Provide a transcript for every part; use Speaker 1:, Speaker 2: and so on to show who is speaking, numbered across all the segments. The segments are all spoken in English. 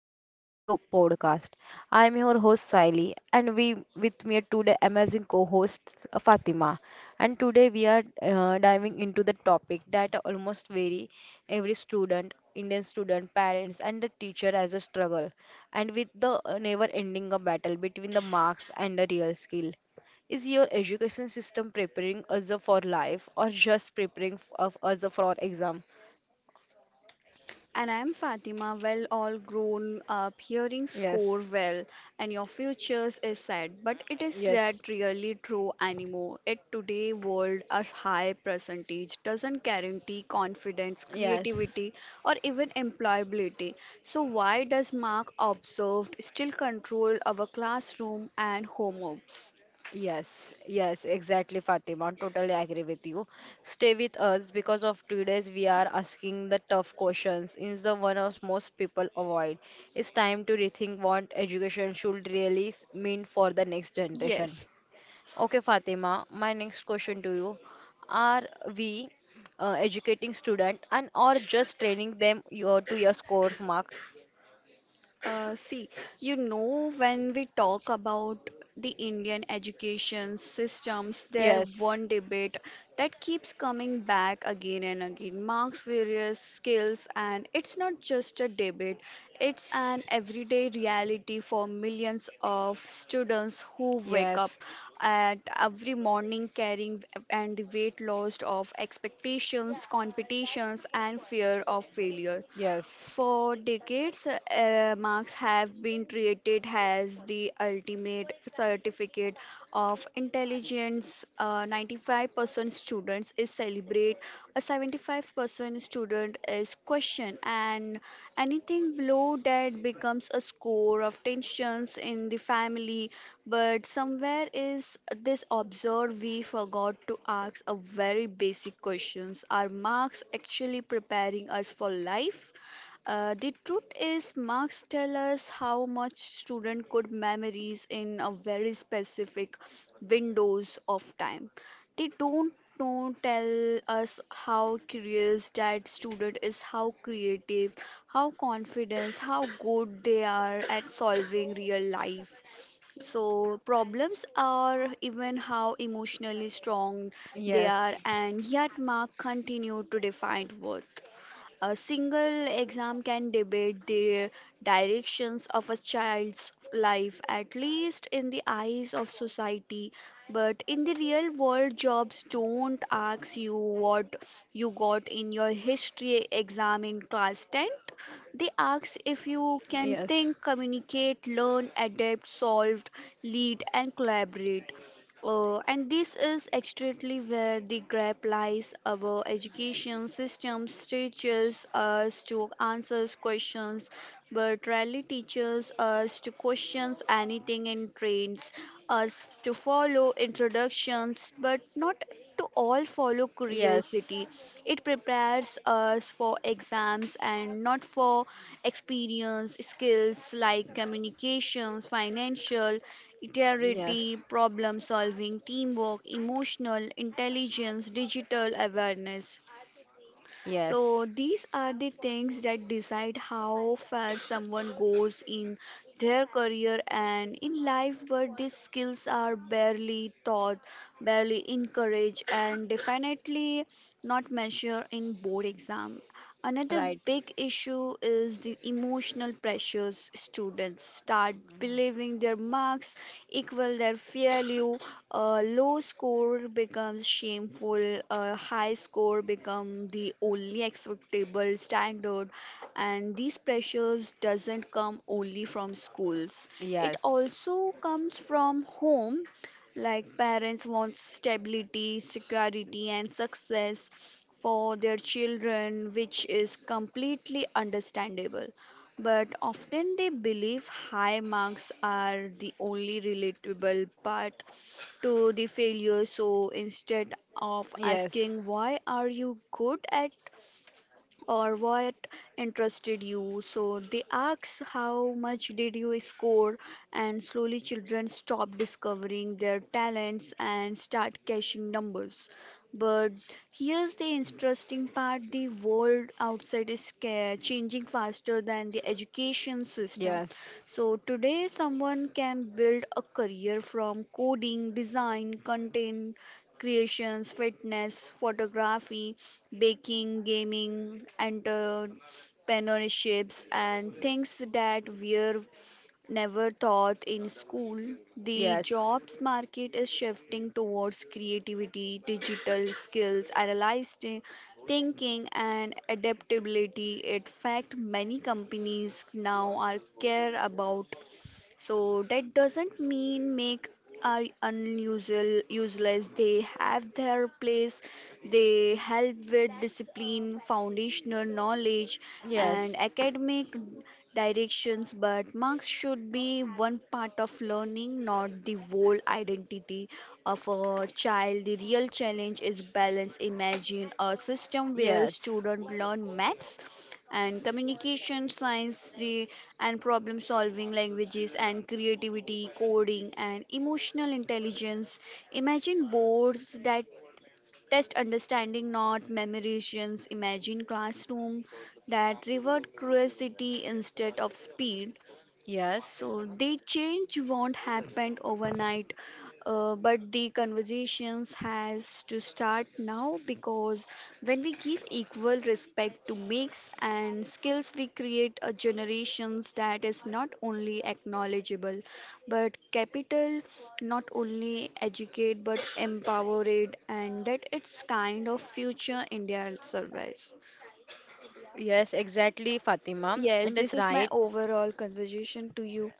Speaker 1: episode of your podcast. I am your host Siley and we with me today amazing co-host Fatima. And today we are diving into the topic that almost very every student, Indian student, parents and the teacher has a struggle and with the never ending a battle between the marks and the real skill. Is your education system preparing us for life or just preparing of us for exam?
Speaker 2: And I'm Fatima. Well, all grown up, hearing
Speaker 1: Yes.
Speaker 2: score well, and your futures is sad, but it is
Speaker 1: Yes,
Speaker 2: not really true anymore. In today world, a high percentage doesn't guarantee confidence,
Speaker 1: yes,
Speaker 2: creativity, or even employability. So why does Mark observed still control our classroom and homeworks?
Speaker 1: yes, exactly, Fatima. Totally agree with you. Stay with us because of today's we are asking the tough questions. Is the one of most people avoid. It's time to rethink what education should really mean for the next generation.
Speaker 2: Yes.
Speaker 1: Okay, Fatima, my next question to you. Are we educating student and or just training them your, to your scores marks?
Speaker 2: See, you know, when we talk about the Indian education systems, there
Speaker 1: Yes,
Speaker 2: one debate that keeps coming back again and again. Marks various skills, and it's not just a debate, it's an everyday reality for millions of students who wake
Speaker 1: yes,
Speaker 2: up at every morning carrying and the weight loss of expectations, competitions, and fear of failure.
Speaker 1: yes,
Speaker 2: For decades, marks have been treated as the ultimate certificate of intelligence. 95% students is celebrate, a 75% student is question, and anything below that becomes a score of tensions in the family. But somewhere is this observed we forgot to ask a very basic questions. Are marks actually preparing us for life? The truth is, marks tell us how much student could memories in a very specific windows of time. They don't know, tell us how curious that student is, how creative, how confident, how good they are at solving real life. So problems are even how emotionally strong they are,
Speaker 1: yes.
Speaker 2: and yet mark continue to define worth. A single exam can debate the directions of a child's life, at least in the eyes of society. But in the real world, jobs don't ask you what you got in your history exam in class 10th. They ask if you can
Speaker 1: Yes.
Speaker 2: think, communicate, learn, adapt, solve, lead, and collaborate. And this is exactly where the gap lies. Our education system teaches us to answer questions, but rarely teaches us to question anything and trains us to follow introductions, but not to all follow curiosity.
Speaker 1: Yes.
Speaker 2: It prepares us for exams and not for experience, skills like communications, financial
Speaker 1: Yes.
Speaker 2: creativity, problem solving, teamwork, emotional intelligence, digital awareness. So
Speaker 1: Yes.
Speaker 2: these are the things that decide how far someone goes in their career and in life, but these skills are barely taught, barely encouraged, and definitely not measured in board exam. Another
Speaker 1: Right.
Speaker 2: big issue is the emotional pressures. Students start believing their marks equal their value. A low score becomes shameful, a high score becomes the only acceptable standard. And these pressures doesn't come only from schools. It
Speaker 1: Yes.
Speaker 2: also comes from home, like parents want stability, security, and success for their children, which is completely understandable. But often they believe high marks are the only relatable path to the failure. So instead of
Speaker 1: Yes.
Speaker 2: asking, why are you good at or what interested you. So they ask how much did you score, and slowly children stop discovering their talents and start cashing numbers. But here's the interesting part, the world outside is changing faster than the education system.
Speaker 1: Yes.
Speaker 2: So today, someone can build a career from coding, design, content creations, fitness, photography, baking, gaming, entrepreneurships, and things that were never taught in school. The
Speaker 1: Yes.
Speaker 2: jobs market is shifting towards creativity, digital skills, analyzed thinking, and adaptability. In fact, many companies now are care about so that doesn't mean make are unusual useless. They have their place. They help with discipline, foundational knowledge, and
Speaker 1: Yes.
Speaker 2: academic directions. But marks should be one part of learning, not the whole identity of a child. The real challenge is balance. Imagine a system where
Speaker 1: Yes.
Speaker 2: students learn maths and communication science the and problem solving languages and creativity coding and emotional intelligence, imagine boards that test understanding not memorations, imagine classroom that reward curiosity instead of speed.
Speaker 1: Yes.
Speaker 2: So the change won't happen overnight, but the conversations has to start now, because when we give equal respect to mix and skills, we create a generations that is not only acknowledgeable, but capital, not only educate but empower it, and that it's kind of future India service.
Speaker 1: Yes, exactly, Fatima.
Speaker 2: Yes,
Speaker 1: And
Speaker 2: this
Speaker 1: that's
Speaker 2: is my
Speaker 1: right.
Speaker 2: overall conversation to you.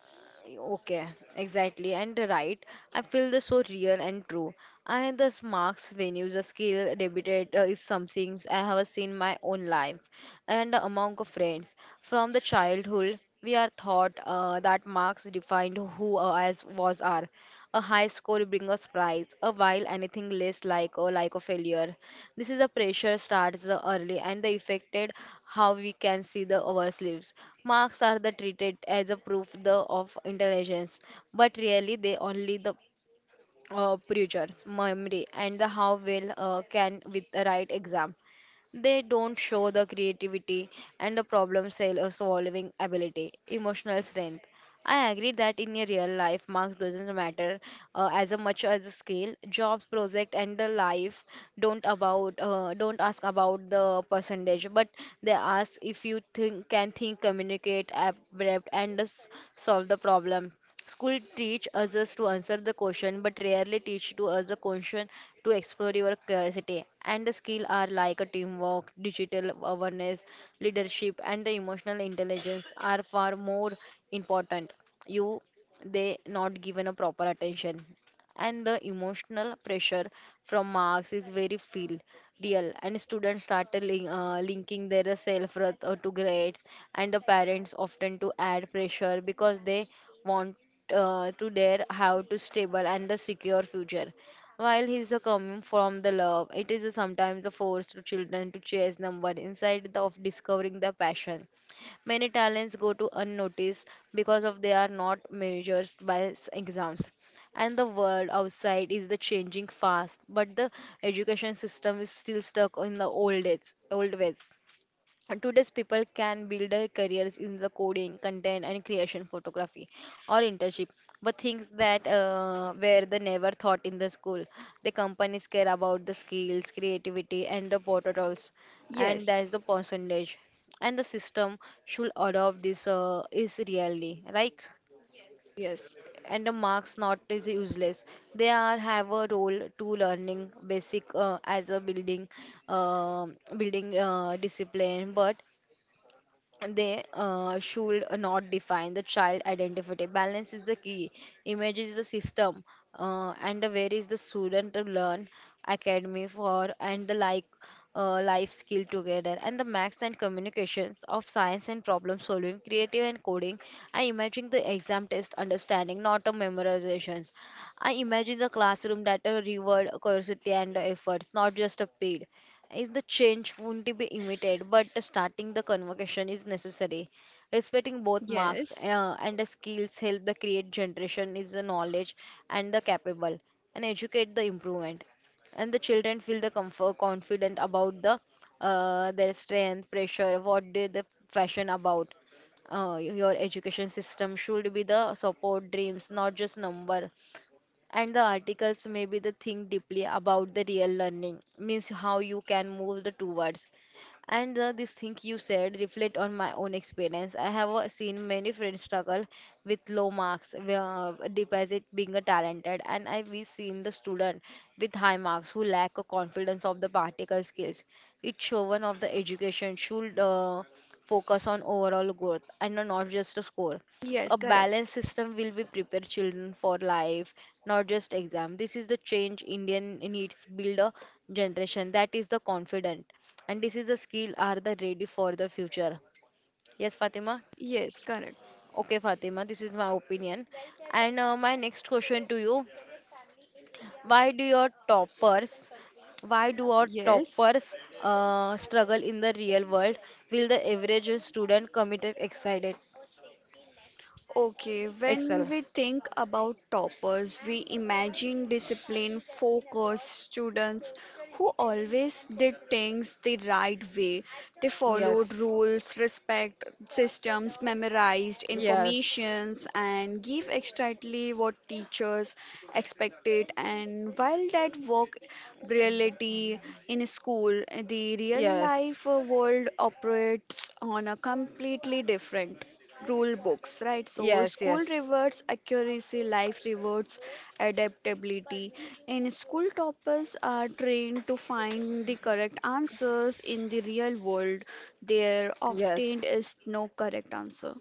Speaker 1: Okay, exactly, and right. I feel this so real and true. And the marks venues, the skill debated is something I have seen my own life and among friends from the childhood. We are taught that marks defined who as was are. A high score brings us prize, a while anything less like or like a failure. This is a pressure starts the early and the affected how we can see the our sleeves. Marks are the treated as a proof the, of intelligence, but really they only the preachers, memory, and the how well can with the right exam. They don't show the creativity and the problem solving ability, emotional strength. I agree that in a real life, marks doesn't matter as a much as the skill. Jobs, project, and the life don't ask about the percentage, but they ask if you think can think, communicate, adapt, and solve the problem. School teach us just to answer the question, but rarely teach to us the question to explore your curiosity. And the skill are like a teamwork, digital awareness, leadership, and the emotional intelligence are far more important. You they not given a proper attention, and the emotional pressure from marks is very feel real and students start to linking their self-worth to grades and the parents often to add pressure because they want to their how to stable and a secure future while he's a coming from the love it is sometimes a force to children to chase number inside the, of discovering the passion many talents go to unnoticed because of they are not measured by exams and the world outside is the changing fast but the education system is still stuck in the old days old ways. And today's people can build their careers in the coding content and creation photography or internship but things that were they never thought in the school, the companies care about the skills creativity and the prototypes and
Speaker 2: Yes,
Speaker 1: that's the percentage and the system should adopt this is really right.
Speaker 2: yes.
Speaker 1: And the marks not is useless, they are have a role to learning basic as a uh, building discipline but they should not define the child identity. Balance is the key. Image is the system, and where is the student to learn academy for and the like life skill together and the max and communications of science and problem solving, creative and coding. I imagine the exam test understanding, not a memorizations. I imagine the classroom that reward curiosity and efforts, not just a paid is the change won't be immediate, but starting the convocation is necessary. Respecting both marks
Speaker 2: Yes.
Speaker 1: and the skills help the create generation is the knowledge and the capable and educate the improvement. And the children feel the comfort, confident about the their strength, pressure, what they the fashion about your education system should be the support dreams not just number and the articles may be the think deeply about the real learning, means how you can move the towards. And this thing you said reflect on my own experience. I have seen many friends struggle with low marks, deposit being a talented, and I've seen the student with high marks who lack a confidence of the particle skills. It's shown of the education should focus on overall growth and not just a score. A
Speaker 2: Yes, correct.
Speaker 1: balanced system will be prepare children for life, not just exam. This is the change Indian needs build a generation that is the confident, and this is the skill are the ready for the future. Yes, Fatima.
Speaker 2: Yes, correct.
Speaker 1: Okay, Fatima. This is my opinion. And my next question to you: Why do your toppers why do our
Speaker 2: Yes.
Speaker 1: toppers struggle in the real world? Will the average student committed, excited?
Speaker 2: Okay, when
Speaker 1: Excel.
Speaker 2: we think about toppers, we imagine disciplined, focused students who always did things the right way. They followed
Speaker 1: Yes.
Speaker 2: rules, respect systems, memorized
Speaker 1: Yes.
Speaker 2: informations, and give exactly what teachers expected. And while that work reality in school, the real life
Speaker 1: Yes.
Speaker 2: world operates on a completely different rule books, right? So
Speaker 1: Yes,
Speaker 2: school
Speaker 1: yes.
Speaker 2: rewards accuracy, life rewards adaptability. And school toppers are trained to find the correct answers in the real world. There often
Speaker 1: Yes.
Speaker 2: is no correct answer.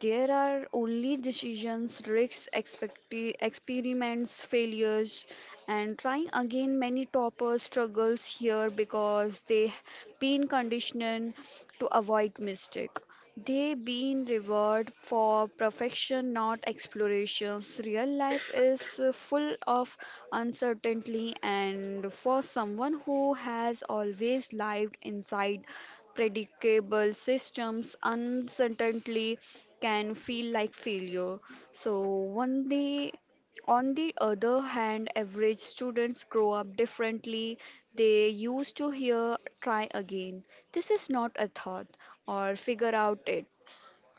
Speaker 2: There are only decisions, risks, experiments, failures, and trying again. Many toppers struggles here because they been conditioned to avoid mistake. They been rewarded for perfection, not explorations. Real life is full of uncertainty, and for someone who has always lived inside predictable systems uncertainty can feel like failure. So, one day, on the other hand, average students grow up differently. They used to hear try again. This is not a thought or figure out it.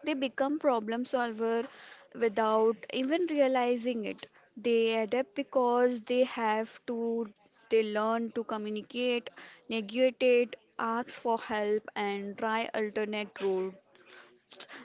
Speaker 2: They become problem solver without even realizing it. They adapt because they have to, they learn to communicate, negotiate, ask for help, and try alternate route.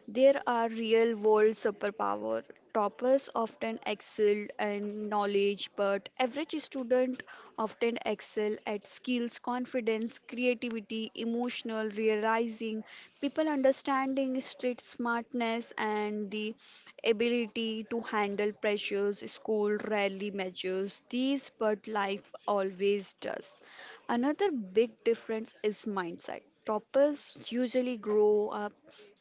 Speaker 2: There are real world superpower. Toppers often excel in knowledge, but average student often excel at skills, confidence, creativity, emotional realizing, people understanding street smartness and the ability to handle pressures, school rarely measures these but life always does. Another big difference is mindset. Toppers usually grow up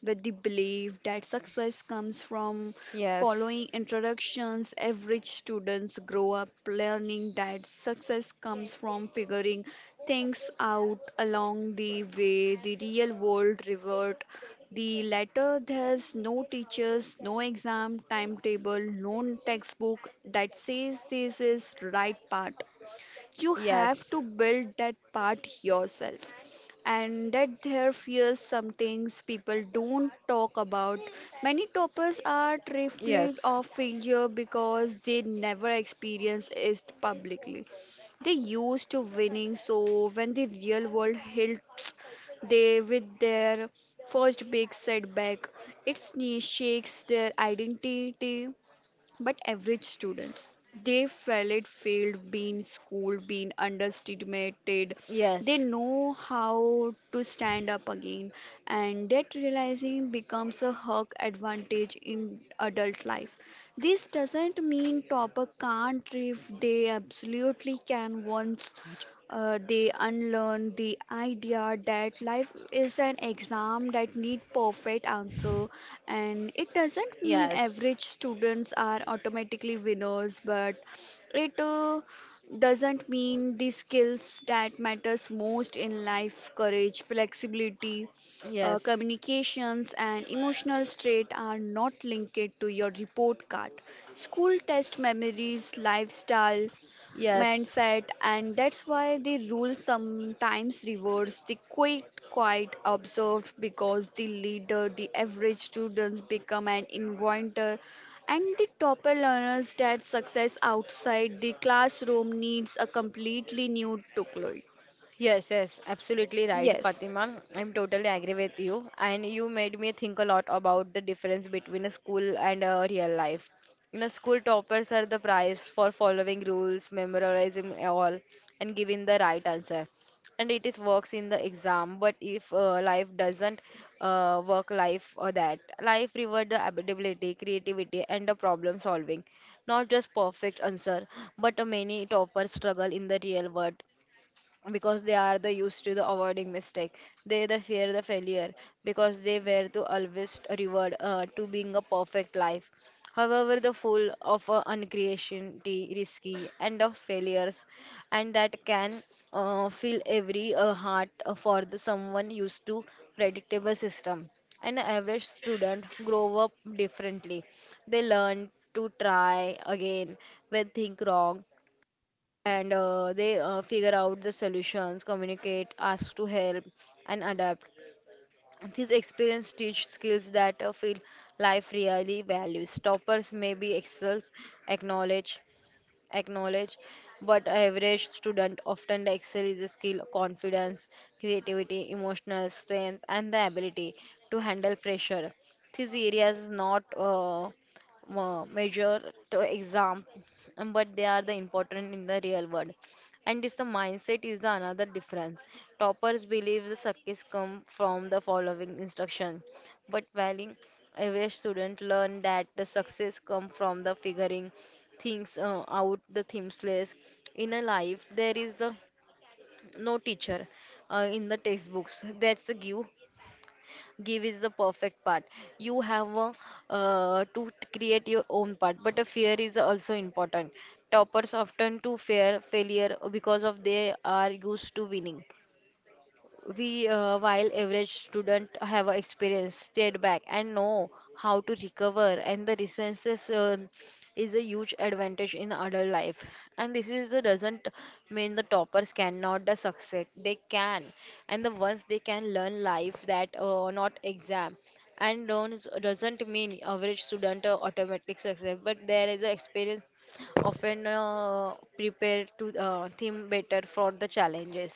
Speaker 2: with the belief that success comes from
Speaker 1: Yes.
Speaker 2: following introductions. Average students grow up learning that success comes from figuring things out along the way. The real world revert. The latter, there's no teachers, no exam timetable, no textbook that says this is right path, you have to
Speaker 1: Yes.
Speaker 2: build that part yourself. And that there fears some things people don't talk about, many toppers are terrified
Speaker 1: Yes.
Speaker 2: of failure because they never experience it publicly, they used to winning, so when the real world hits they with their first big setback it shakes their identity. But average students, they fell it failed, being schooled, being underestimated. They
Speaker 1: Yes.
Speaker 2: know how to stand up again, and that realizing becomes a hug advantage in adult life. This doesn't mean topper can't, if they absolutely can once they unlearn the idea that life is an exam that need perfect answer, and it doesn't mean
Speaker 1: Yes.
Speaker 2: average students are automatically winners, but it doesn't mean the skills that matters most in life courage flexibility
Speaker 1: Yes.
Speaker 2: communications and emotional state are not linked to your report card, school test memories lifestyle
Speaker 1: Yes.
Speaker 2: mindset, and that's why the rule sometimes rewards the quite observed because the leader the average students become an inventor and the topper learners that success outside the classroom needs a completely new toolkit.
Speaker 1: Yes, yes, absolutely right,
Speaker 2: Yes,
Speaker 1: Fatima. I'm totally agree with you. And you made me think a lot about the difference between a school and a real life. In a school, toppers are the prize for following rules, memorizing all, and giving the right answer. And it is works in the exam. But if life doesn't work life or that, life reward the ability, creativity, and the problem solving. Not just perfect answer, but many toppers struggle in the real world because they are the used to the avoiding mistake they the fear the failure because they were to always reward to being a perfect life however the full of uncreativity risky and of failures and that can fill every heart for the someone used to predictable system an average student grow up differently they learn to try again when think wrong and they figure out the solutions, communicate, ask to help, and adapt. These experience teach skills that feel life really values. Toppers may be excels, acknowledge, acknowledge what average student often excel is a skill confidence creativity emotional strength and the ability to handle pressure these areas is not measure to exam, but they are the important in the real world and this the mindset is the another difference toppers believe the success come from the following instruction but while average student learn that the success come from the figuring things out the themes list in a life there is the no teacher in the textbooks that's the give is the perfect part you have a, create your own part but a fear is also important toppers often to fear failure because of they are used to winning we while average student have a experience stayed back and know how to recover and the resources is a huge advantage in adult life and this is the doesn't mean the toppers cannot the success they can and the ones they can learn life that not exam and don't doesn't mean average student automatic success but there is a experience often prepared to theme better for the challenges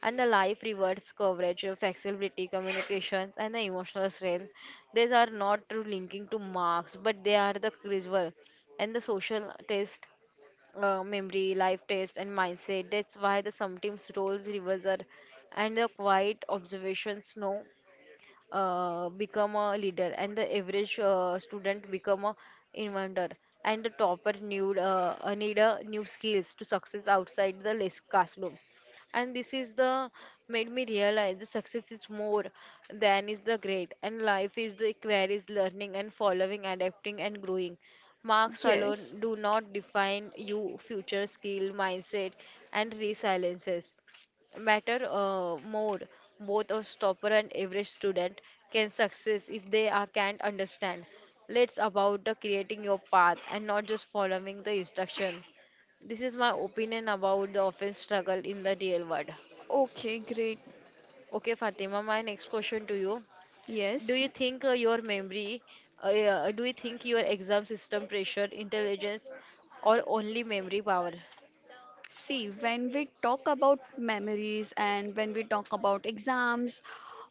Speaker 1: and the life rewards coverage, your flexibility, communications, and the emotional strength. These are not true linking to marks, but they are the crucial. And the social test, memory, life test, and mindset. That's why the sometimes roles reverser and the quiet observations know become a leader and the average student become a inventor and the topper need a new skills to success outside the classroom and this is the made me realize the success is more than is the great and life is the queries learning and following adapting and growing marks alone
Speaker 2: yes.
Speaker 1: do not define you future skill mindset and resiliences matter more both a stopper and average student can succeed if they are can't understand let's about the creating your path and not just following the instruction this is my opinion about the often struggle in the real world.
Speaker 2: Okay, great.
Speaker 1: Okay Fatima my next question to you, do
Speaker 2: Yes.
Speaker 1: you think do you think your exam system pressure intelligence or only memory power?
Speaker 2: See, when we talk about memories and when we talk about exams,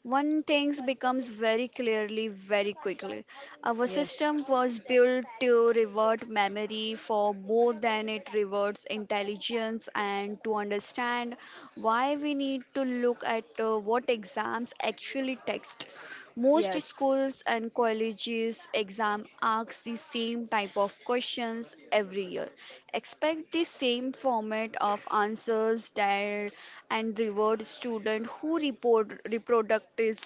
Speaker 2: one thing becomes very clearly very quickly. Our
Speaker 1: Yes.
Speaker 2: system was built to revert memory for more than it reverts intelligence, and to understand why we need to look at what exams actually text. Most
Speaker 1: Yes.
Speaker 2: schools and colleges exam asks the same type of questions every year. Expect the same format of answers there and reward student who report reproductive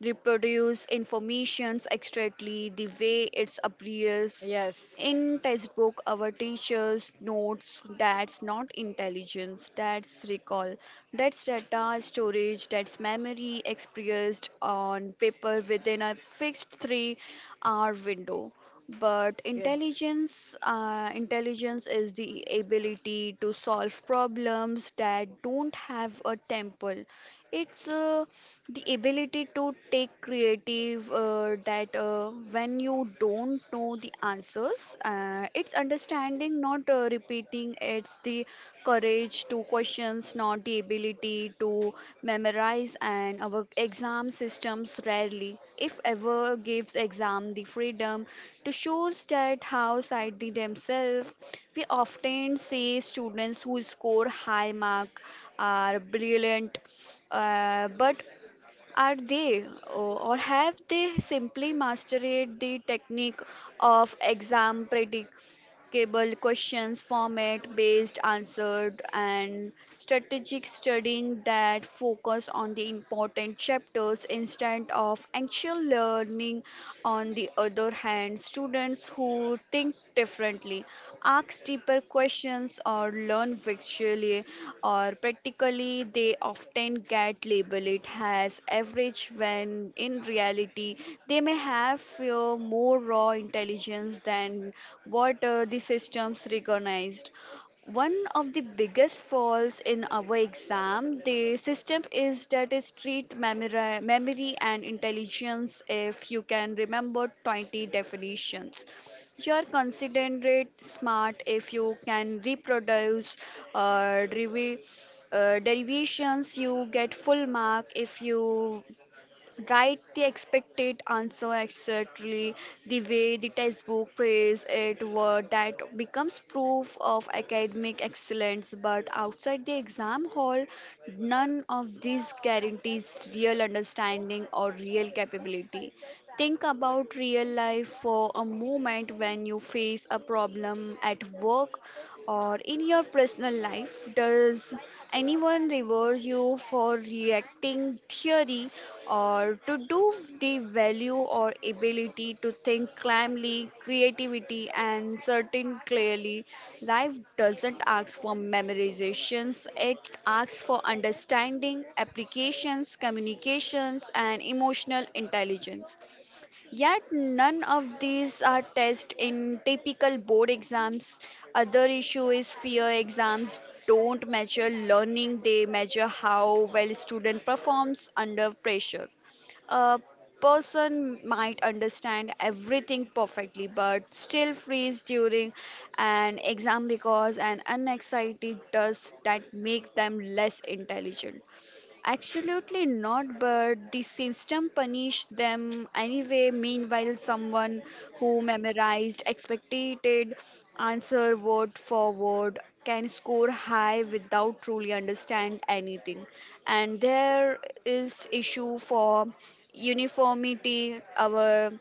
Speaker 2: reproduce information exactly the way it appears
Speaker 1: Yes.
Speaker 2: in textbook, our teachers notes, that's not intelligence, that's recall, that's data storage, that's memory expressed on paper within a fixed three-hour window. But
Speaker 1: Okay.
Speaker 2: intelligence, intelligence is the ability to solve problems that don't have a temple. It's the ability to take creative that when you don't know the answers, it's understanding, not repeating. It's the courage to questions, not the ability to memorize, and our exam systems rarely, if ever, gives exam the freedom to choose that how side they themselves. We often see students who score high mark are brilliant, but are they, oh, or have they simply mastered the technique of exam predictable questions, format based answered, and strategic studying that focus on the important chapters instead of actual learning? On the other hand, students who think differently, ask deeper questions, or learn visually or practically. They often get labeled as average when in reality they may have more raw intelligence than what the systems recognized. One of the biggest faults in our exam the system is that is treat memory, memory and intelligence, if you can remember 20 definitions you're considerate smart, if you can reproduce uh, derivation derivations. You get full mark if you write the expected answer exactly the way the textbook phrase it word, that becomes proof of academic excellence, but outside the exam hall none of these guarantees real understanding or real capability. Think about real life for a moment, when you face a problem at work or in your personal life? Does anyone reward you for reacting theory or to do the value or ability to think calmly, creativity and certain clearly? Life doesn't ask for memorizations, it asks for understanding, applications, communications and emotional intelligence. Yet none of these are tested in typical board exams. Other issue is fear exams don't measure learning, they measure how well student performs under pressure. A person might understand everything perfectly but still freeze during an exam because an anxiety does that make them less intelligent. Absolutely not, but the system punished them anyway. Meanwhile, someone who memorized expected answer word for word can score high without truly understand anything. And there is issue for uniformity. Our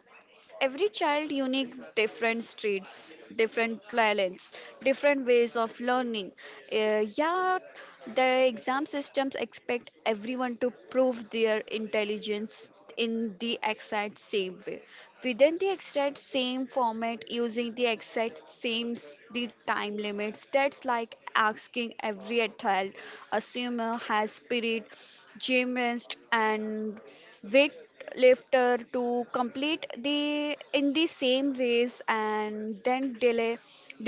Speaker 2: Every child unique, different streets, different talents, different ways of learning. Yeah, the exam systems expect everyone to prove their intelligence in the exact same way within the exact same format using the exact same the time limits. That's like asking every child assume has spirit gymnast and weightlifter to complete the in the same race and then delay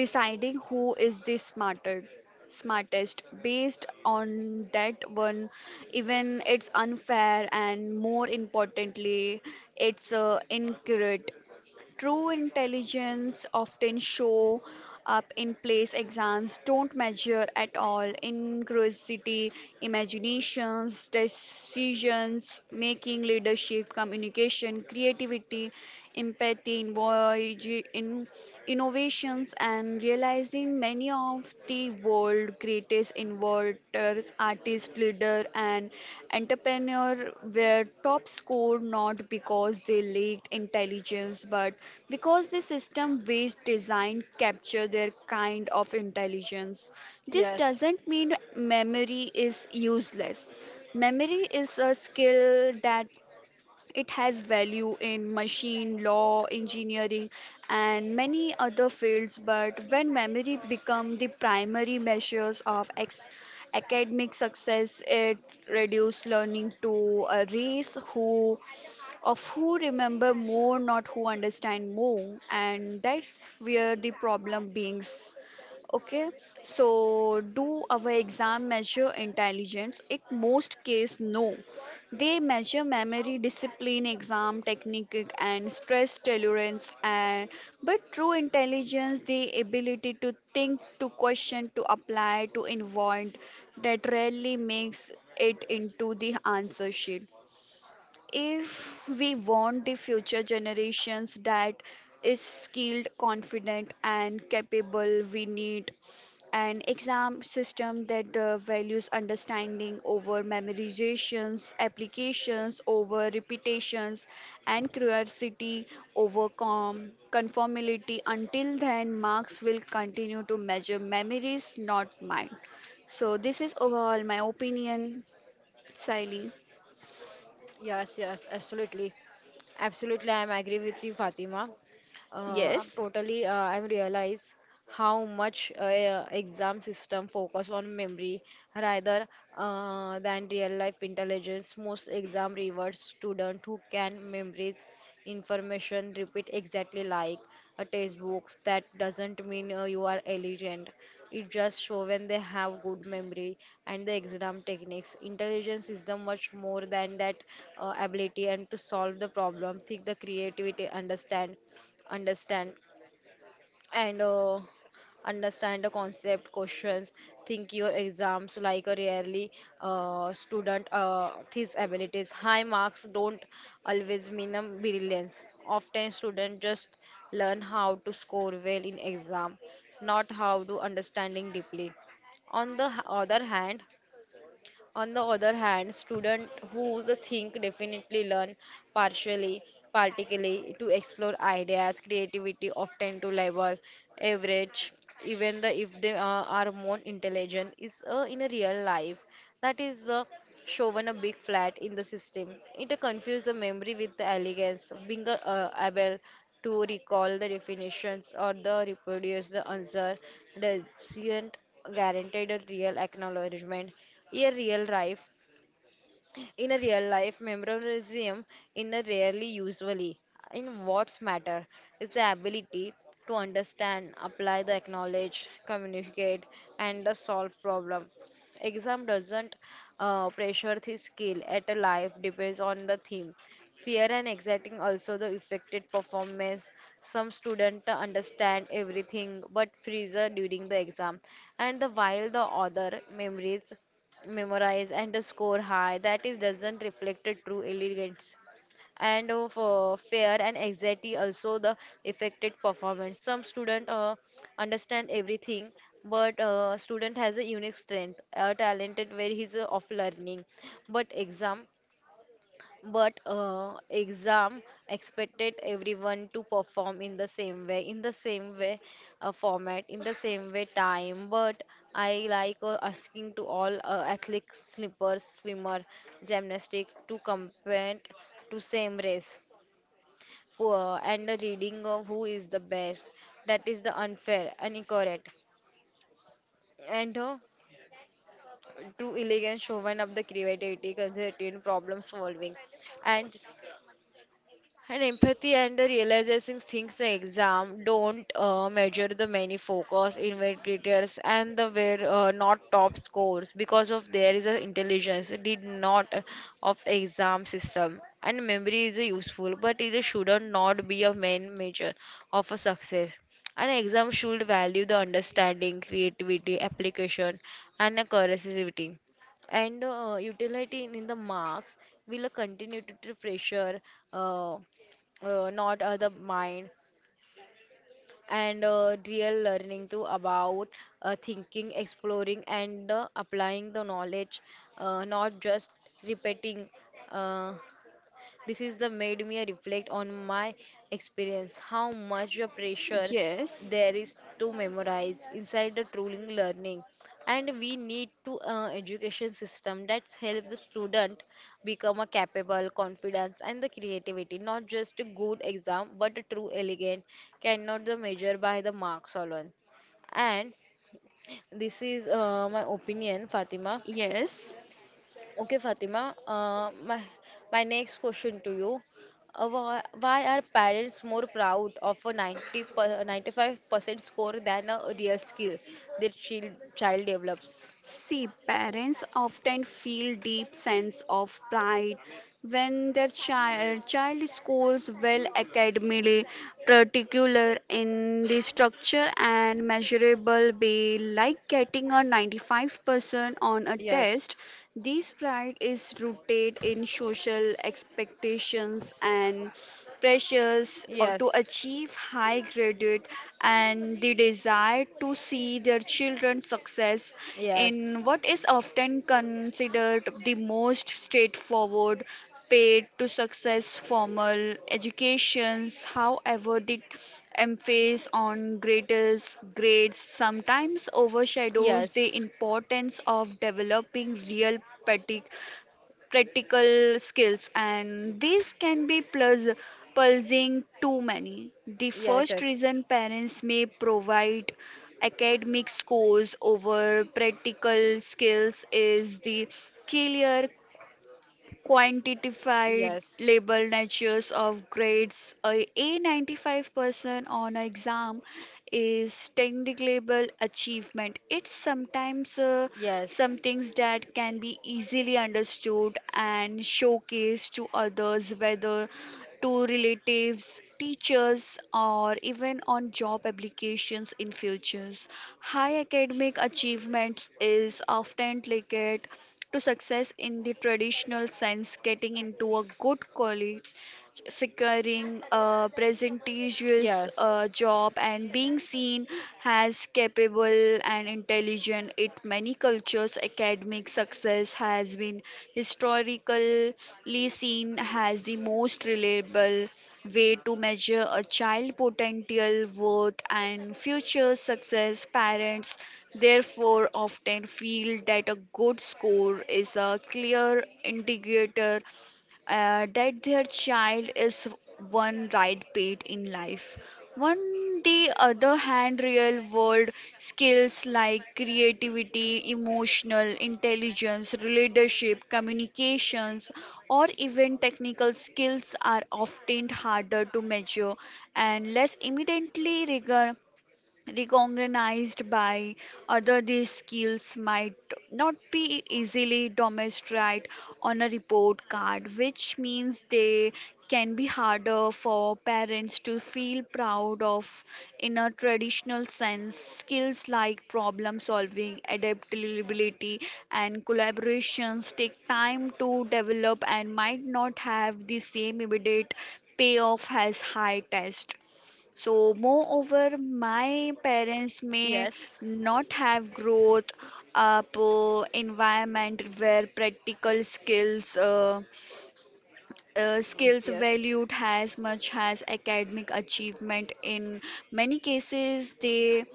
Speaker 2: deciding who is the smarter smartest based on that one. Even it's unfair and more importantly it's incorrect. True intelligence often show up in place exams don't measure at all. Inclusivity, imaginations, decisions, making, leadership, communication, creativity, empathy, innovations, and realizing many of the world creators, innovators, artists, leader, and entrepreneur were top score not because they lacked intelligence, but because the system based design capture their kind of intelligence. This
Speaker 1: Yes.
Speaker 2: doesn't mean memory is useless. Memory is a skill that it has value in machine, law, engineering, and many other fields, but when memory become the primary measures of academic success, it reduces learning to a race who of who remember more, not who understand more, and that's where the problem begins. Okay, so do our exam measure intelligence? In most case, no. They measure memory, discipline, exam technique, and stress tolerance. And but true intelligence, the ability to think, to question, to apply, to invent, that rarely makes it into the answer sheet. If we want the future generations that is skilled, confident, and capable, we need an exam system that values understanding over memorizations, applications over repetitions, and curiosity over conformity. Until then, marks will continue to measure memories, not mind. So, this is overall my opinion, Siley.
Speaker 1: Yes, yes, absolutely. Absolutely, I'm agree with you, Fatima. Uh, I'm
Speaker 2: Yes,
Speaker 1: totally, I'm realize how much exam system focus on memory rather than real life intelligence. Most exam rewards student who can memorize information repeat exactly like a textbook. That doesn't mean you are intelligent, it just show when they have good memory and the exam techniques. Intelligence is the much more than that, ability and to solve the problem, think the creativity, understand, understand and understand the concept questions, think your exams like a really student his abilities. High marks don't always mean a brilliance. Often students just learn how to score well in exam, not how to understanding deeply. On the h- other hand on the other hand, students who the think definitely learn partially, particularly to explore ideas, creativity, often to level average, even the, if they are more intelligent, is in a real life. That is the shown a big flat in the system. It confused the memory with the elegance, being able to recall the definitions or the reproduce the answer doesn't guarantee a real acknowledgement. A real life, in a real life, memorism in a rarely usually. In what's matter is the ability to understand, apply the acknowledge, communicate, and the solve problem. Exam doesn't pressure the skill at a life depends on the theme. Fear and anxiety also the affected performance. Some student understand everything but freezer during the exam, and the while the other memories memorize and score high, that is doesn't reflect a true elegance. And of fear and anxiety also the affected performance, some student understand everything, but student has a unique strength talented where he's of learning. But exam but uh, exam expected everyone to perform in the same way, in the same way format, in the same way time. But I like asking to all athletes, slippers, swimmer, gymnastic to compete to same race. Who, and the reading of who is the best. That is the unfair and incorrect. And To elegant showman of the creativity, conservative problem solving. And And empathy and the realizing things the exam don't measure the many focus, investigators, and the were not top scores because of there is a intelligence did not of exam system. And memory is a useful, but it should not be a main measure of a success. An exam should value the understanding, creativity, application, and the curiosity and utility in the marks will continue to pressure uh, not the mind, and real learning to about thinking, exploring and applying the knowledge, not just repeating. uh, this is the made me reflect on my experience, how much of pressure
Speaker 2: yes.
Speaker 1: there is to memorize inside the truling learning, and we need to education system that help the student become a capable, confidence, and the creativity. Not just a good exam, but a true elegant cannot the measure by the marks alone. And this is my opinion, Fatima.
Speaker 2: Yes.
Speaker 1: Okay, Fatima, my next question to you. Why are parents more proud of a 95% score than a real skill their child develops?
Speaker 2: See, parents often feel deep sense of pride when their child scores well academically, particular in the structure and measurable way, like getting a 95% on a
Speaker 1: Yes,
Speaker 2: test. This pride is rooted in social expectations and pressures or to
Speaker 1: yes.
Speaker 2: achieve high graded, and the desire to see their children's success in
Speaker 1: Yes,
Speaker 2: what is often considered the most straightforward paid to success formal educations. However, the emphasis on greatest grades sometimes overshadows the
Speaker 1: yes,
Speaker 2: importance of developing real pedagogic practical skills, and these can be plus pulsing too many. The
Speaker 1: yes,
Speaker 2: first reason parents may provide academic scores over practical skills is the clear quantified
Speaker 1: yes, yes.
Speaker 2: label natures of grades, a a95% on an exam is technically achievement. It's sometimes
Speaker 1: Yes.
Speaker 2: some things that can be easily understood and showcased to others, whether to relatives, teachers, or even on job applications in futures. High academic achievements is often linked to success in the traditional sense, getting into a good college, securing a prestigious job and being seen as capable and intelligent. In many cultures academic success has been historically seen as the most reliable way to measure a child's potential worth and future success. Parents therefore often feel that a good score is a clear indicator that their child is one right path in life. On the other hand, real world skills like creativity, emotional intelligence, leadership, communications, or even technical skills are often harder to measure and less immediately regard recognized by other. These skills might not be easily demonstrated on a report card, which means they can be harder for parents to feel proud of in a traditional sense. Skills like problem solving, adaptability and collaborations take time to develop and might not have the same immediate payoff as high test. So, moreover, my parents may
Speaker 1: Yes.
Speaker 2: not have growth up environment where practical skills
Speaker 1: Yes.
Speaker 2: skills
Speaker 1: Yes.
Speaker 2: valued as much as academic achievement. In many cases, they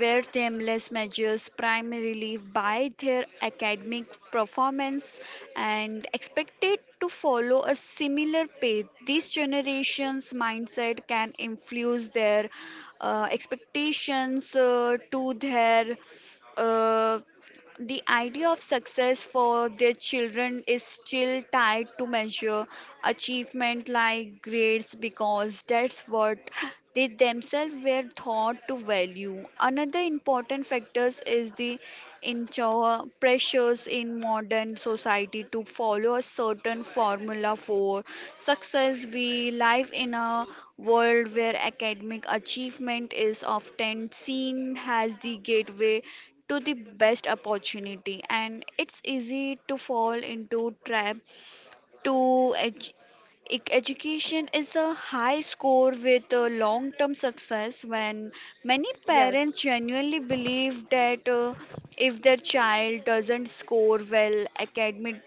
Speaker 2: were timeless measures primarily by their academic performance and expected to follow a similar path. This generation's mindset can influence their expectations to their uh, the idea of success for their children is still tied to measure achievement like grades because that's what they themselves were taught to value. Another important factor is the pressures in modern society to follow a certain formula for success. We live in a world where academic achievement is often seen as the gateway to the best opportunity, and it's easy to fall into trap to edu- education is a high score with a long term success when many parents
Speaker 1: Yes.
Speaker 2: genuinely believe that if their child doesn't score well academically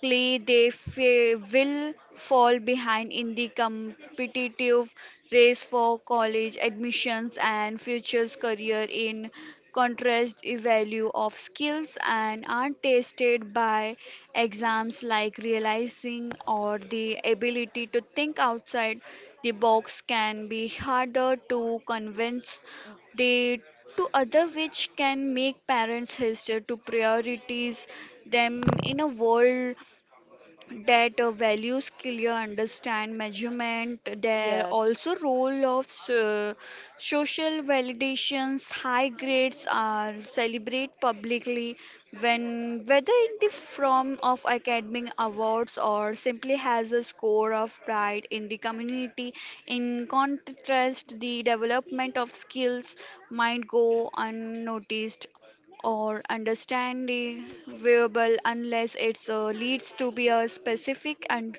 Speaker 2: they will fall behind in the competitive race for college admissions and futures career. In contrast, the value of skills and are tested by exams like realizing or the ability to think outside the box can be harder to convince they to other, which can make parents hesitate to prioritize them in a world that values clear understand measurement. There also
Speaker 1: Yes.
Speaker 2: role of so, social validations. High grades are celebrate publicly when whether in the form of academic awards or simply has a score of pride in the community. In contrast, the development of skills might go unnoticed or understandable unless it leads to be a specific and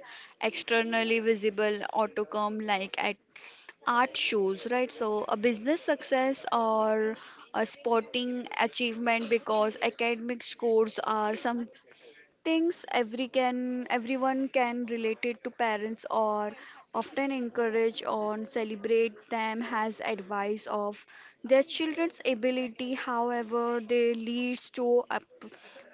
Speaker 2: externally visible outcome like at art shows, right, so a business success or a sporting achievement, because academic scores are some things everyone can relate it to parents or often encourage or celebrate them as advice of their children's ability. However, they leads to a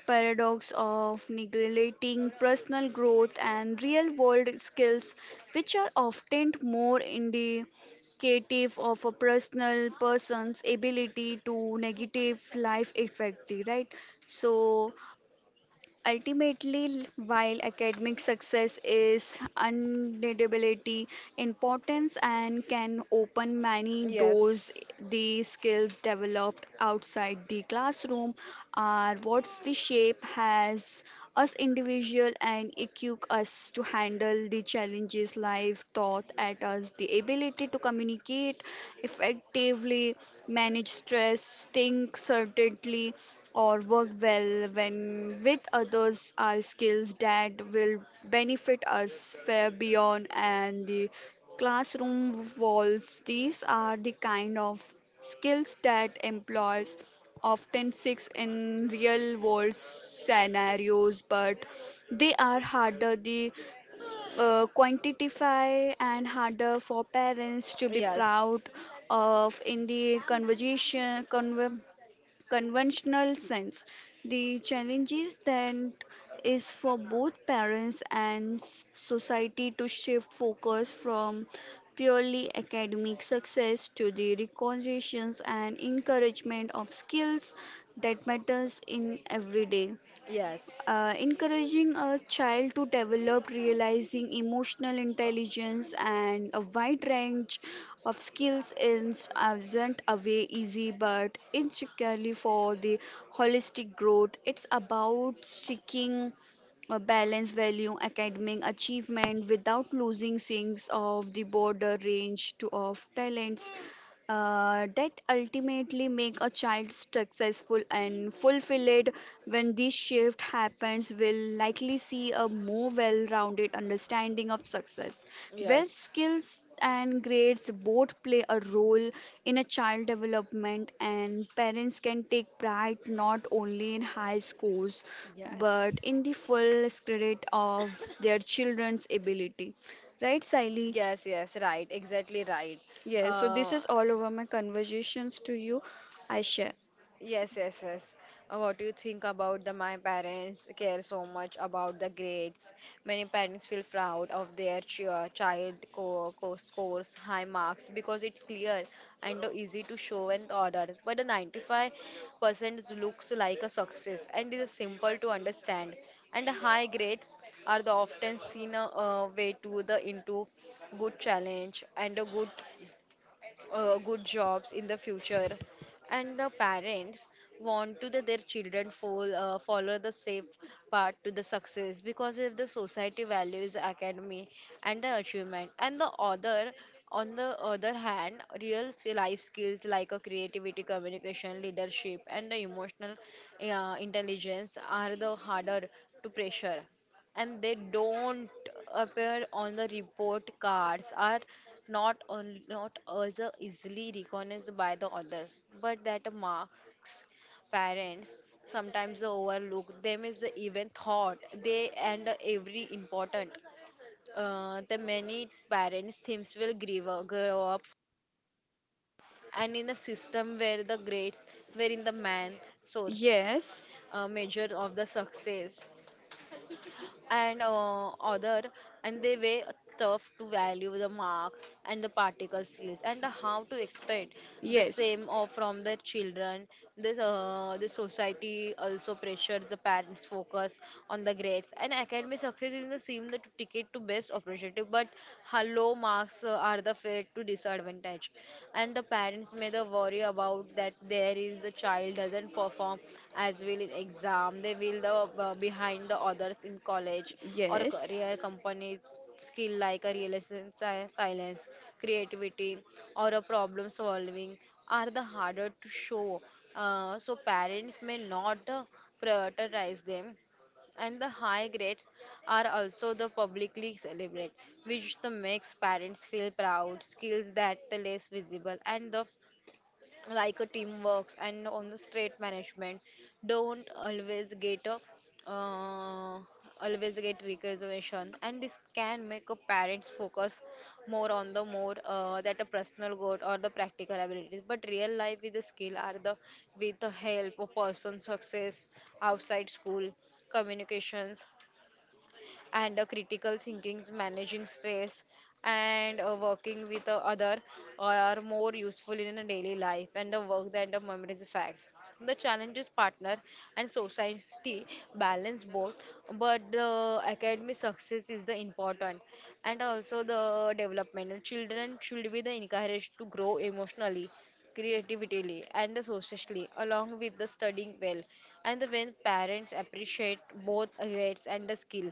Speaker 2: paradox of neglecting personal growth and real world skills, which are often more indicative of a personal person's ability to negative life effect, right, so ultimately, while academic success is undeniably important and can open
Speaker 1: Yes.
Speaker 2: many doors,
Speaker 1: Yes.
Speaker 2: the skills developed outside the classroom are what the shape has us individual and equip us to handle the challenges life taught at us. The ability to communicate effectively, manage stress, think certainly or work well when with others are skills that will benefit us far beyond and the classroom walls. These are the kind of skills that employers often seek in real world scenarios, but they are harder to quantify and harder for parents to be
Speaker 1: Yes.
Speaker 2: proud
Speaker 1: Yes.
Speaker 2: of in the conversation conver conventional sense. The challenges then is for both parents and society to shift focus from purely academic success to the recognitions and encouragement of skills that matters in everyday.
Speaker 1: Yes.
Speaker 2: Encouraging a child to develop realizing emotional intelligence and a wide range of skills is isn't away easy but insecurely for the holistic growth. It's about seeking a balance value academic achievement without losing things of the border range to of talents that ultimately make a child successful and fulfilled. When this shift happens will likely see a more well-rounded understanding of success where
Speaker 1: Yes.
Speaker 2: skills and grades both play a role in a child development, and parents can take pride not only in high scores
Speaker 1: Yes.
Speaker 2: but in the full credit of their children's ability, right Siley?
Speaker 1: Yes. Right. Exactly right.
Speaker 2: Yes, so this
Speaker 1: Uh,
Speaker 2: is all over my conversations to you. I share.
Speaker 1: Yes, yes, yes. What do you think about the my parents care so much about the grades? Many parents feel proud of their chi- child co co scores high marks because it's clear and easy to show and order. But the 95% looks like a success and is simple to understand. And the high grades are the often seen a way to the into good challenge and a good good jobs in the future, and the parents want to that their children follow, follow the safe path to the success, because if the society values academy and the achievement and the other, on the other hand real life skills like a creativity, communication, leadership, and the emotional intelligence are the harder to pressure, and they don't appear on the report cards, are not on, not as easily recognized by the others, but that marks parents sometimes overlook them is the even thought they and every important. The many parents themes will grow up and in a system where the grades were in the man source
Speaker 2: Yes,
Speaker 1: measure of the success, and uh, other and they were tough to value the mark and the particle skills and how to expect the
Speaker 2: yes,
Speaker 1: same or from their children. This the society also pressured the parents focus on the grades, and academic success is the same the ticket to best opportunity, but how low marks are the fate to disadvantage, and the parents may the worry about that there is the child doesn't perform as well in exam, they will the behind the others in college or
Speaker 2: yes,
Speaker 1: career companies. Skill like a realization, silence, creativity, or a problem solving are the harder to show, so parents may not prioritize them, and the high grades are also the publicly celebrated, which the makes parents feel proud. Skills that the less visible and the like a teamwork and on the straight management don't always get a uh, always get recognition, and this can make a parents focus more on the more that a personal goal or the practical abilities. But real life with the skill are the with the help of person success outside school, communications, and critical thinking, managing stress, and working with other are more useful in a daily life and the work than the memories fact. The challenge is partner and society balance both, but the academic success is the important, and also the development. Children should be the encouraged to grow emotionally, creatively, and the socially, along with the studying well. And the when parents appreciate both grades and the skill,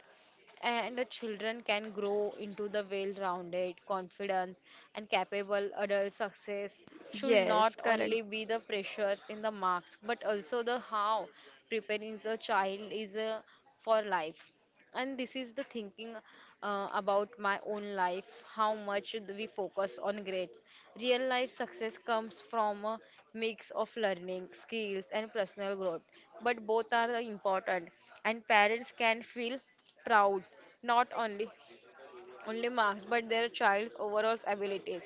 Speaker 1: and the children can grow into the well-rounded, confident, and capable adult success should not
Speaker 2: yes,
Speaker 1: only
Speaker 2: correct.
Speaker 1: be the pressure in the marks, but also the how preparing the child is for life. And this is the thinking about my own life, how much do we focus on grades. Real life success comes from a mix of learning skills and personal growth, but both are important, and parents can feel proud not only marks but their child's overall abilities.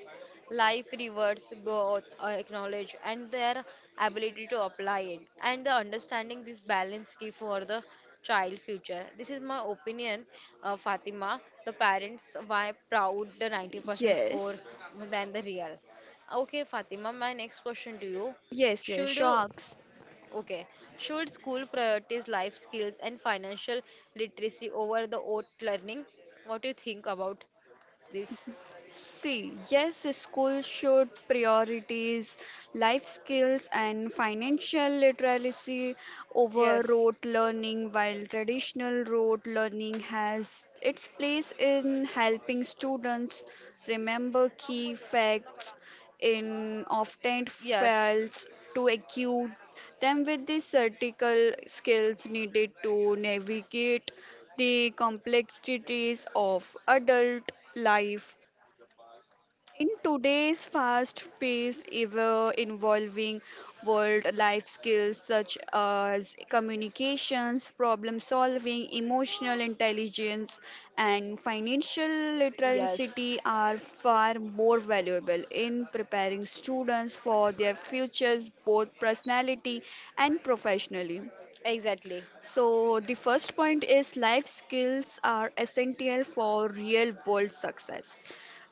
Speaker 1: Life rewards both acknowledge and their ability to apply it, and the understanding this balance key for the child future. This is my opinion, Fatima. The parents why proud the 90% scores
Speaker 2: Yes,
Speaker 1: than the real. Okay, Fatima, my next question to you.
Speaker 2: yes, yes,
Speaker 1: Should
Speaker 2: sharks.
Speaker 1: Okay. Should school prioritize life skills and financial literacy over the oat learning? What do you think about this?
Speaker 2: See, yes, schools should prioritize life skills and financial literacy over
Speaker 1: Yes.
Speaker 2: rote learning, while traditional rote learning has its place in helping students remember key facts in often
Speaker 1: Yes.
Speaker 2: fails to equip them with the critical skills needed to navigate the complexities of adult life. In today's fast-paced, ever-evolving world, life skills such as communications, problem-solving, emotional intelligence, and financial
Speaker 1: Yes.
Speaker 2: literacy are far more valuable in preparing students for their futures, both personality and professionally.
Speaker 1: Exactly.
Speaker 2: So, the first point is life skills are essential for real world success.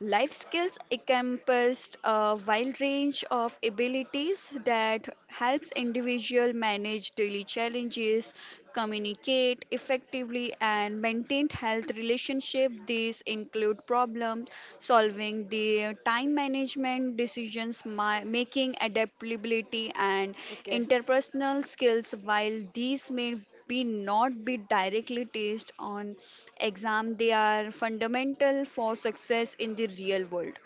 Speaker 2: Life skills encompass a wide range of abilities that helps individual manage daily challenges, communicate effectively and maintain health relationship. These include problem solving, the time management, decisions making, adaptability and
Speaker 1: Okay.
Speaker 2: interpersonal skills. While these may be not be directly tested on exam, they are fundamental for success in the real world.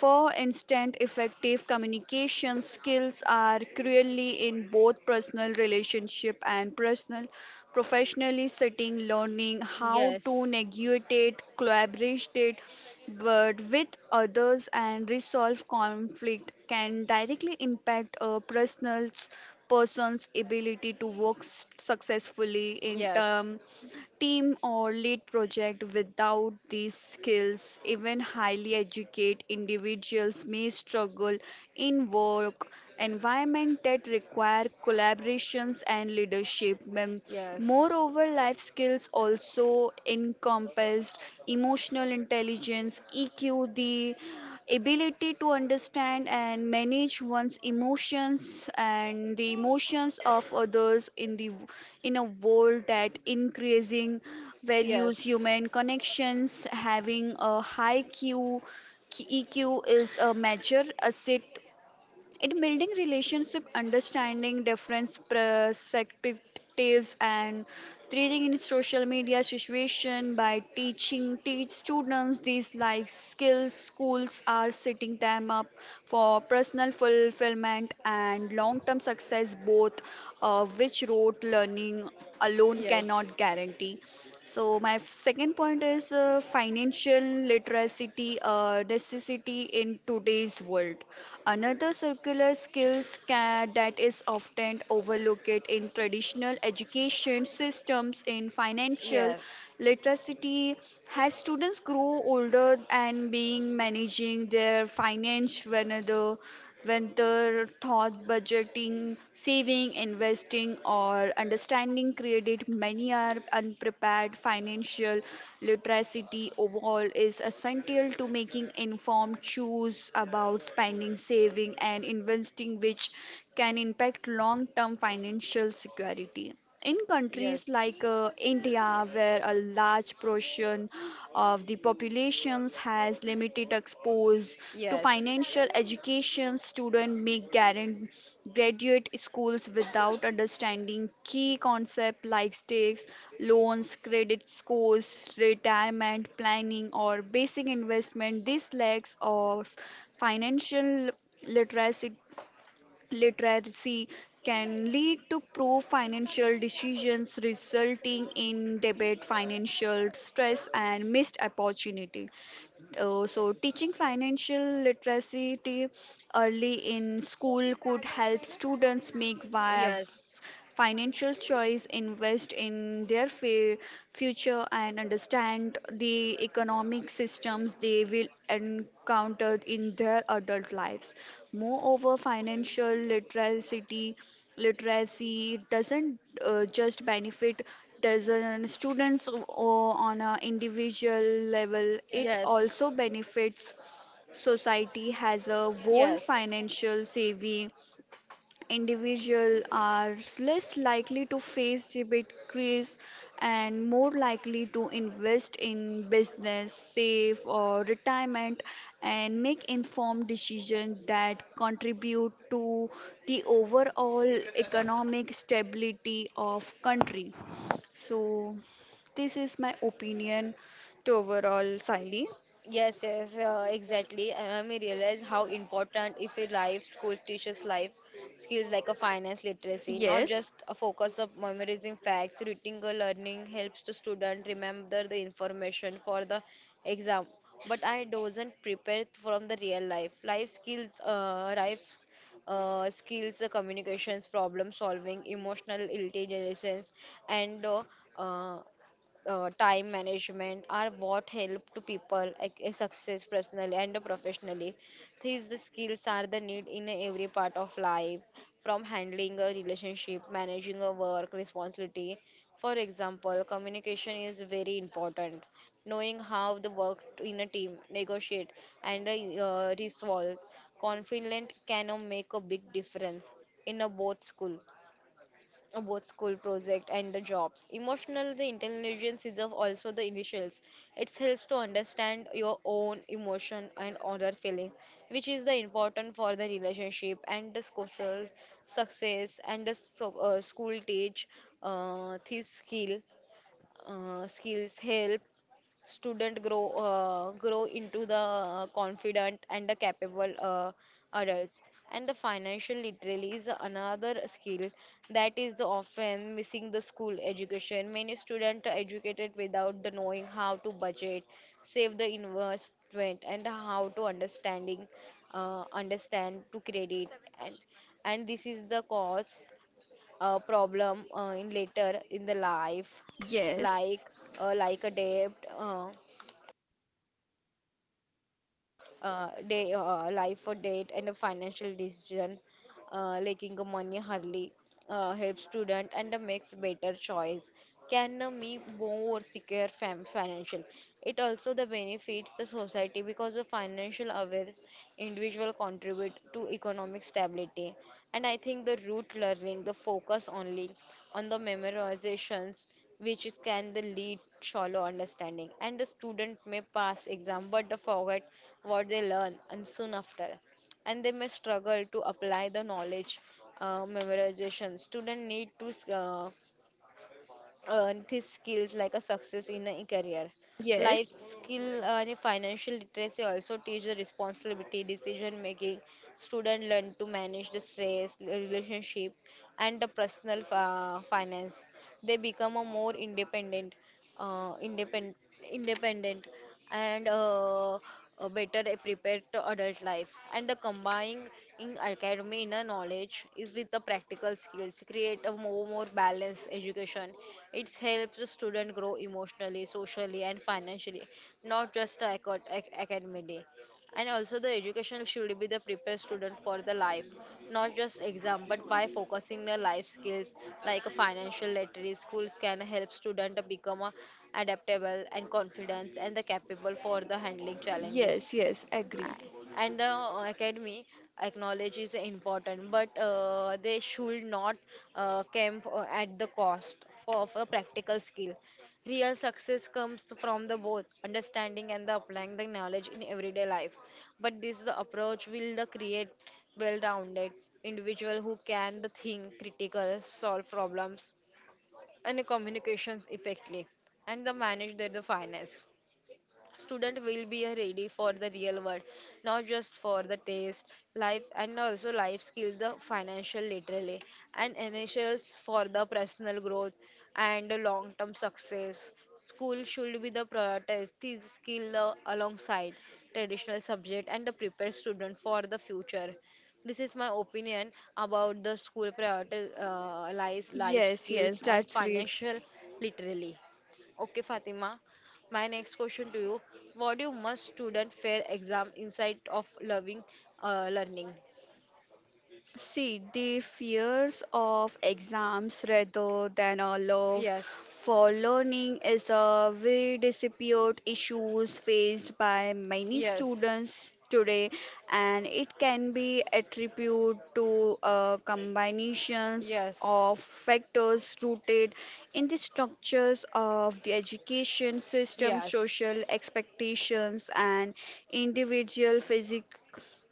Speaker 2: For instance, effective communication skills are crucially in both personal relationship and personal professionally setting. Learning how to
Speaker 1: Yes.
Speaker 2: negotiate collaborate but with others and resolve conflict can directly impact a person's ability to work successfully in
Speaker 1: Yes.
Speaker 2: team or lead project. Without these skills even highly educated individuals may struggle in work environment that require collaborations and leadership.
Speaker 1: Yes. Yes.
Speaker 2: Moreover, life skills also encompassed emotional intelligence EQ, the ability to understand and manage one's emotions and the emotions of others in a world that increasing values human connections. Having a high q EQ is a major asset, it building relationship, understanding different perspectives, and trading in social media situation. By teach students these like skills, schools are setting them up for personal fulfillment and long-term success, both which rote learning alone cannot guarantee. So second point is financial literacy, necessity in today's world. Another circular skills ca that is often overlooked in traditional education systems in financial
Speaker 1: Yes. Yes.
Speaker 2: literacy has students grow older and being managing their finance whenever whether thought budgeting, saving, investing, or understanding credit, many are unprepared. Financial literacy overall is essential to making informed choice about spending, saving, and investing, which can impact long-term financial security. In countries like India, where a large portion of the populations has limited exposure to financial education, graduate schools without understanding key concepts like stakes, loans, credit scores, retirement planning, or basic investment. This lacks of financial literacy literacy can lead to poor financial decisions resulting in debt financial stress and missed opportunity. So, teaching financial literacy early in school could help students make wise
Speaker 1: Yes.
Speaker 2: financial choice, invest in their future, and understand the economic systems they will encounter in their adult lives. Moreover, financial literacy doesn't just benefit doesn't students on an individual level.
Speaker 1: Yes.
Speaker 2: It
Speaker 1: Yes.
Speaker 2: also benefits society as a whole.
Speaker 1: Yes.
Speaker 2: Financial savvy
Speaker 1: Yes.
Speaker 2: individual are less likely to face debit crisis and more likely to invest in business save or retirement and make informed decisions that contribute to the overall economic stability of country. So, this is my opinion to overall, Siley.
Speaker 1: Yes, yes, exactly. And I may realize how important if a life school teaches life skills like a finance literacy, not
Speaker 2: Yes,
Speaker 1: just a focus of memorizing facts. Reading or learning helps the student remember the information for the exam, but I doesn't prepare from the real life. Life skills, the communications, problem solving, emotional intelligence, and uh, time management are what help to people like, a success personally and professionally. These the skills are the need in every part of life, from handling a relationship, managing a work responsibility. For example, communication is very important. Knowing how the work in a team, negotiate, and resolve confident can make a big difference in a both school project and the jobs. Emotional, the intelligence is of also the initials. It helps to understand your own emotion and other feelings, which is the important for the relationship and the social success. And the so, school teach this skill. Skills help student grow grow into the confident and the capable adults, and the financial literacy is another skill that is the often missing the school education. Many students are educated without the knowing how to budget, save the investment, and how to understanding understand to credit, and and this is the cause problem in later in the life,
Speaker 2: yes,
Speaker 1: like like a debt, uh, day, life or death, and a financial decision leaking ammonia hardly helps student and makes better choice, can me more secure financial. It also the benefits the society, because the financial awareness individual contribute to economic stability. And I think the root learning the focus only on the memorizations, which is can the lead shallow understanding, and the student may pass exam but they forget what they learn and soon after, and they may struggle to apply the knowledge. Memorization student need to earn these skills like a success in a career.
Speaker 2: yes,
Speaker 1: Life skill and financial literacy also teach the responsibility decision making. Student learn to manage the stress relationship and the personal finance. They become a more independent, uh, independent independent, and a better prepared to adult life. And the combining in academy inner knowledge is with the practical skills create a more, more balanced education. It helps the student grow emotionally, socially, and financially, not just academically. And also, the education should be the prepare student for the life, not just exam, but by focusing the life skills like a financial literacy, schools can help student to become a adaptable and confident and the capable for the handling challenges.
Speaker 2: yes, yes, agree.
Speaker 1: And the academy acknowledge is important, but they should not come at the cost for, of a practical skill. Real success comes from the both understanding and the applying the knowledge in everyday life. But this the approach will the create well-rounded individual who can the think critical, solve problems, and communications effectively and the manage their the finance. Student will be ready for the real world, not just for the taste, life, and also life skills, the financial literacy, and initials for the personal growth and the long-term success. School should be the prioritize these skill alongside traditional subject and the prepare student for the future. This is my opinion about the school prioritize life
Speaker 2: Yes, yes,
Speaker 1: skills and
Speaker 2: that's great.
Speaker 1: financial literacy. Okay, Fatima. My next question to you, what do must student fail exam inside of loving learning?
Speaker 2: See, the fears of exams rather than a love
Speaker 1: Yes,
Speaker 2: for learning is a very disappeared issues faced by many
Speaker 1: yes,
Speaker 2: students today and it can be attributed to combinations
Speaker 1: yes,
Speaker 2: of factors rooted in the structures of the education system,
Speaker 1: yes,
Speaker 2: social expectations and individual physic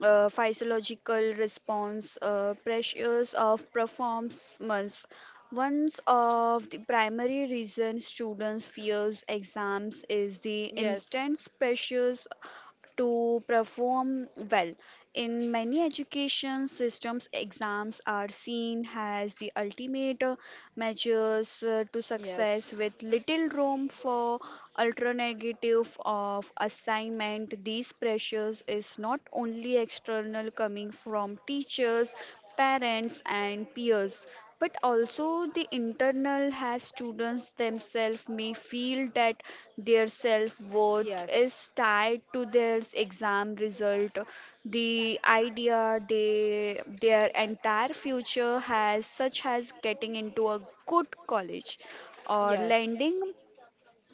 Speaker 2: physiological response, pressures of performance. One of the primary reasons students fears exams is the
Speaker 1: yes,
Speaker 2: intense pressures to perform well. In many education systems, exams are seen as the ultimate
Speaker 1: yes,
Speaker 2: measures to success, with little room for alternative of assignment. These pressures is not only external coming from teachers, parents, and peers, but also the internal has students themselves may feel that their self-worth
Speaker 1: yes,
Speaker 2: is tied to their exam result. The idea they their entire future has such as getting into a good college or landing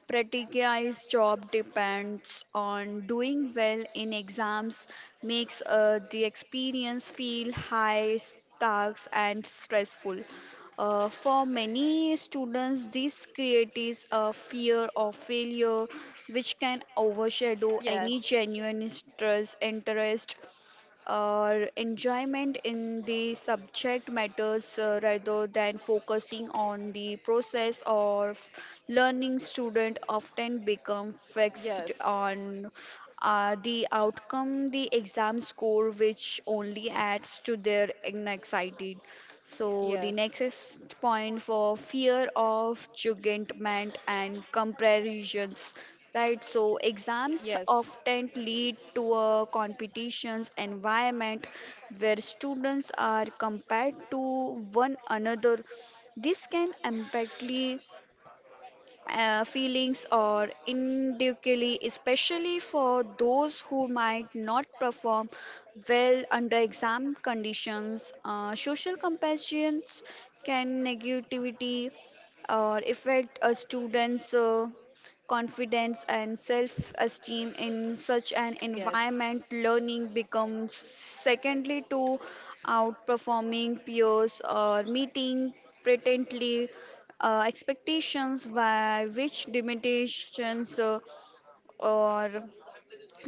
Speaker 2: Pratigya's job depends on doing well in exams, makes the experience feel high stakes and stressful. For many students, this creates a fear of failure, which can overshadow
Speaker 1: yes.
Speaker 2: any genuine interest or enjoyment in the subject matters. Rather than focusing on the process of learning, student often become
Speaker 1: Yes.
Speaker 2: fixed
Speaker 1: Yes.
Speaker 2: on the outcome, the exam score, which only adds to their anxiety. So
Speaker 1: Yes.
Speaker 2: the next point for fear of judgment and comparisons, right? So exams
Speaker 1: Yes.
Speaker 2: often lead to a competitions environment where students are compared to one another. This can impactly feelings or individually, especially for those who might not perform well under exam conditions. Social compassions can negativity or affect a student's confidence and self-esteem. In such an
Speaker 1: Yes,
Speaker 2: environment learning becomes secondly to outperforming peers or meeting patently expectations by which limitations or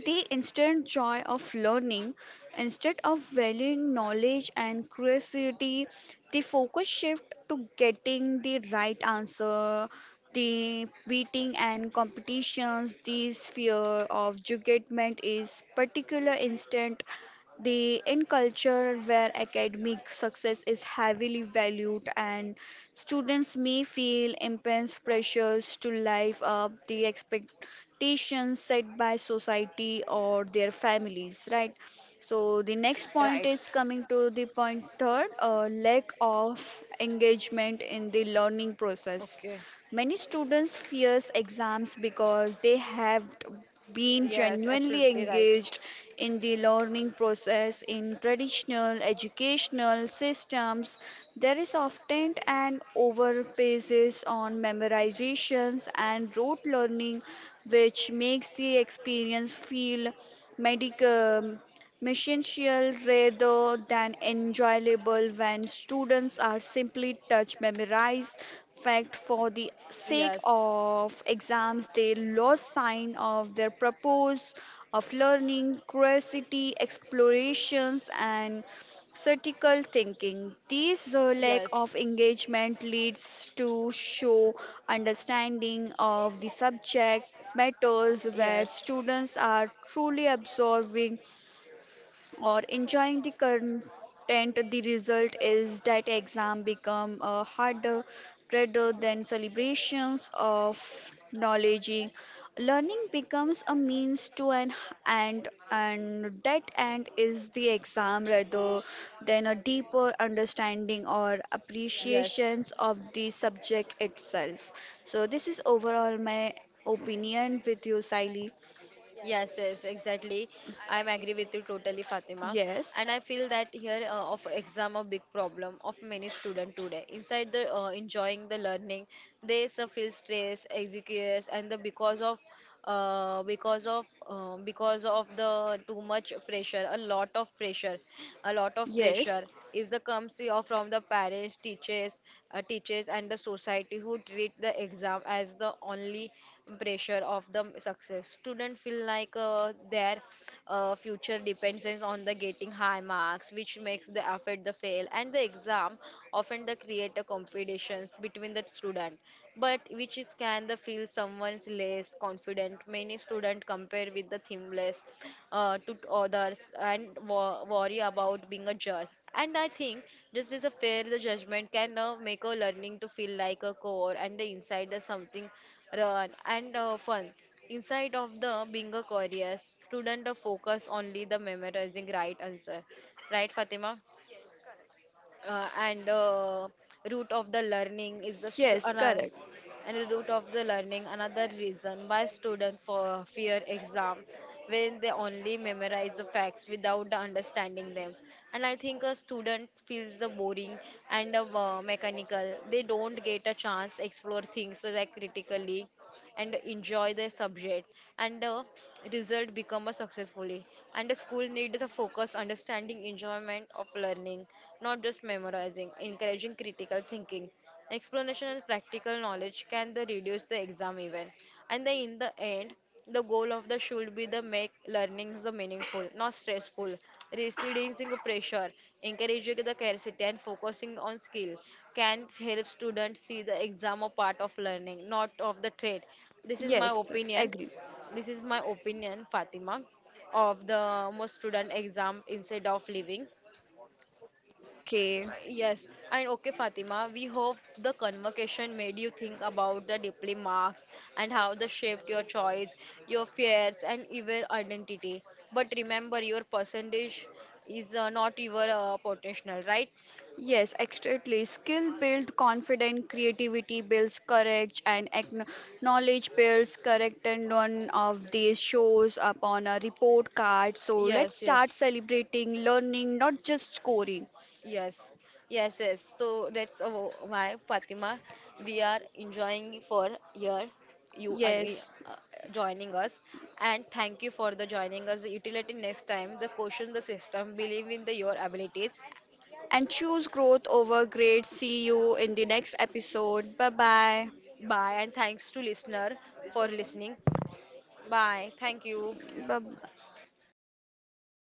Speaker 2: the instant joy of learning, instead of valuing knowledge and curiosity, the focus shift to getting the right answer, the beating and competitions. This fear of judgment is particular instant the in culture where academic success is heavily valued and students may feel immense pressures to live up the expectations set by society or their families, right? So the next
Speaker 1: right.
Speaker 2: point is coming to the point third, lack of engagement in the learning process.
Speaker 1: Okay.
Speaker 2: Many students fears exams because they have been
Speaker 1: Yes, absolutely
Speaker 2: genuinely
Speaker 1: right.
Speaker 2: engaged in the learning process. In traditional educational systems there is often an overemphasis on memorizations and rote learning which makes the experience feel medical messential rather than enjoyable. When students are simply touch memorize fact for the sake
Speaker 1: Yes,
Speaker 2: of exams they lost sign of their purpose of learning, curiosity, explorations and critical thinking. This lack of engagement leads to show understanding of the subject matters where students are truly absorbing or enjoying the content. The result is that exam become harder rather than celebrations of knowledge. Learning becomes a means to an end and that end is the exam rather than a deeper understanding or
Speaker 1: yes,
Speaker 2: appreciations of the subject itself. So this is overall my opinion with you, Siley.
Speaker 1: yes, yes, exactly. I'm agree with you totally, Fatima.
Speaker 2: Yes,
Speaker 1: And I feel that here of exam a big problem of many student today. Inside the enjoying the learning, they so feel stress, anxious, and the because of because of the too much pressure, a lot of pressure, a lot of
Speaker 2: yes.
Speaker 1: pressure is the comes or from the parents, teachers, and the society who treat the exam as the only pressure of the success. Students feel like their future depends on the getting high marks, which makes the affect the fail and the exam often the create a competitions between the student, but which is can the feel someone's less confident. Many students compare with the themless to others and worry about being a judge. And I think just as a fair the judgment can make a learning to feel like a core and the inside is something run and fun. Inside of the bingo careers, student focus only the memorizing right answer. Right, Fatima? And root of the learning is the
Speaker 2: Yes, correct.
Speaker 1: and root of the learning another reason why student for fear exam where they only memorize the facts without the understanding them. And I think a student feels the boring and the mechanical. They don't get a chance explore things like critically and enjoy the subject, and the result become a successfully, and the school need the focus understanding enjoyment of learning, not just memorizing, encouraging critical thinking, explanation and practical knowledge can the reduce the exam event. And then in the end, the goal of the should be the make learning the meaningful, not stressful, reducing pressure, encouraging the curiosity and focusing on skill can help students see the exam a part of learning, not of the trade. This is my
Speaker 2: Yes,
Speaker 1: opinion.
Speaker 2: agree.
Speaker 1: This is my opinion, Fatima, of the most student exam instead of living.
Speaker 2: Okay.
Speaker 1: Yes, and okay, Fatima, we hope the conversation made you think about the deeply marks and how they shaped your choice, your fears, and your identity. But remember, your percentage is not your potential, right?
Speaker 2: Yes, exactly. Skill build confidence, creativity builds courage, and knowledge builds correct. And none of these shows up on a report card. So let's
Speaker 1: Yes, yes.
Speaker 2: start celebrating learning, not just scoring.
Speaker 1: Yes, yes, yes. So that's why Fatima, we are enjoying for here you and we,
Speaker 2: Yes,
Speaker 1: joining us, and thank you for the joining us. The utility next time, the question, the system, believe in the your abilities.
Speaker 2: and choose growth over grades. See you in the next episode. Bye bye.
Speaker 1: Bye, and thanks to listener for listening. Bye. Thank you.
Speaker 2: Bye.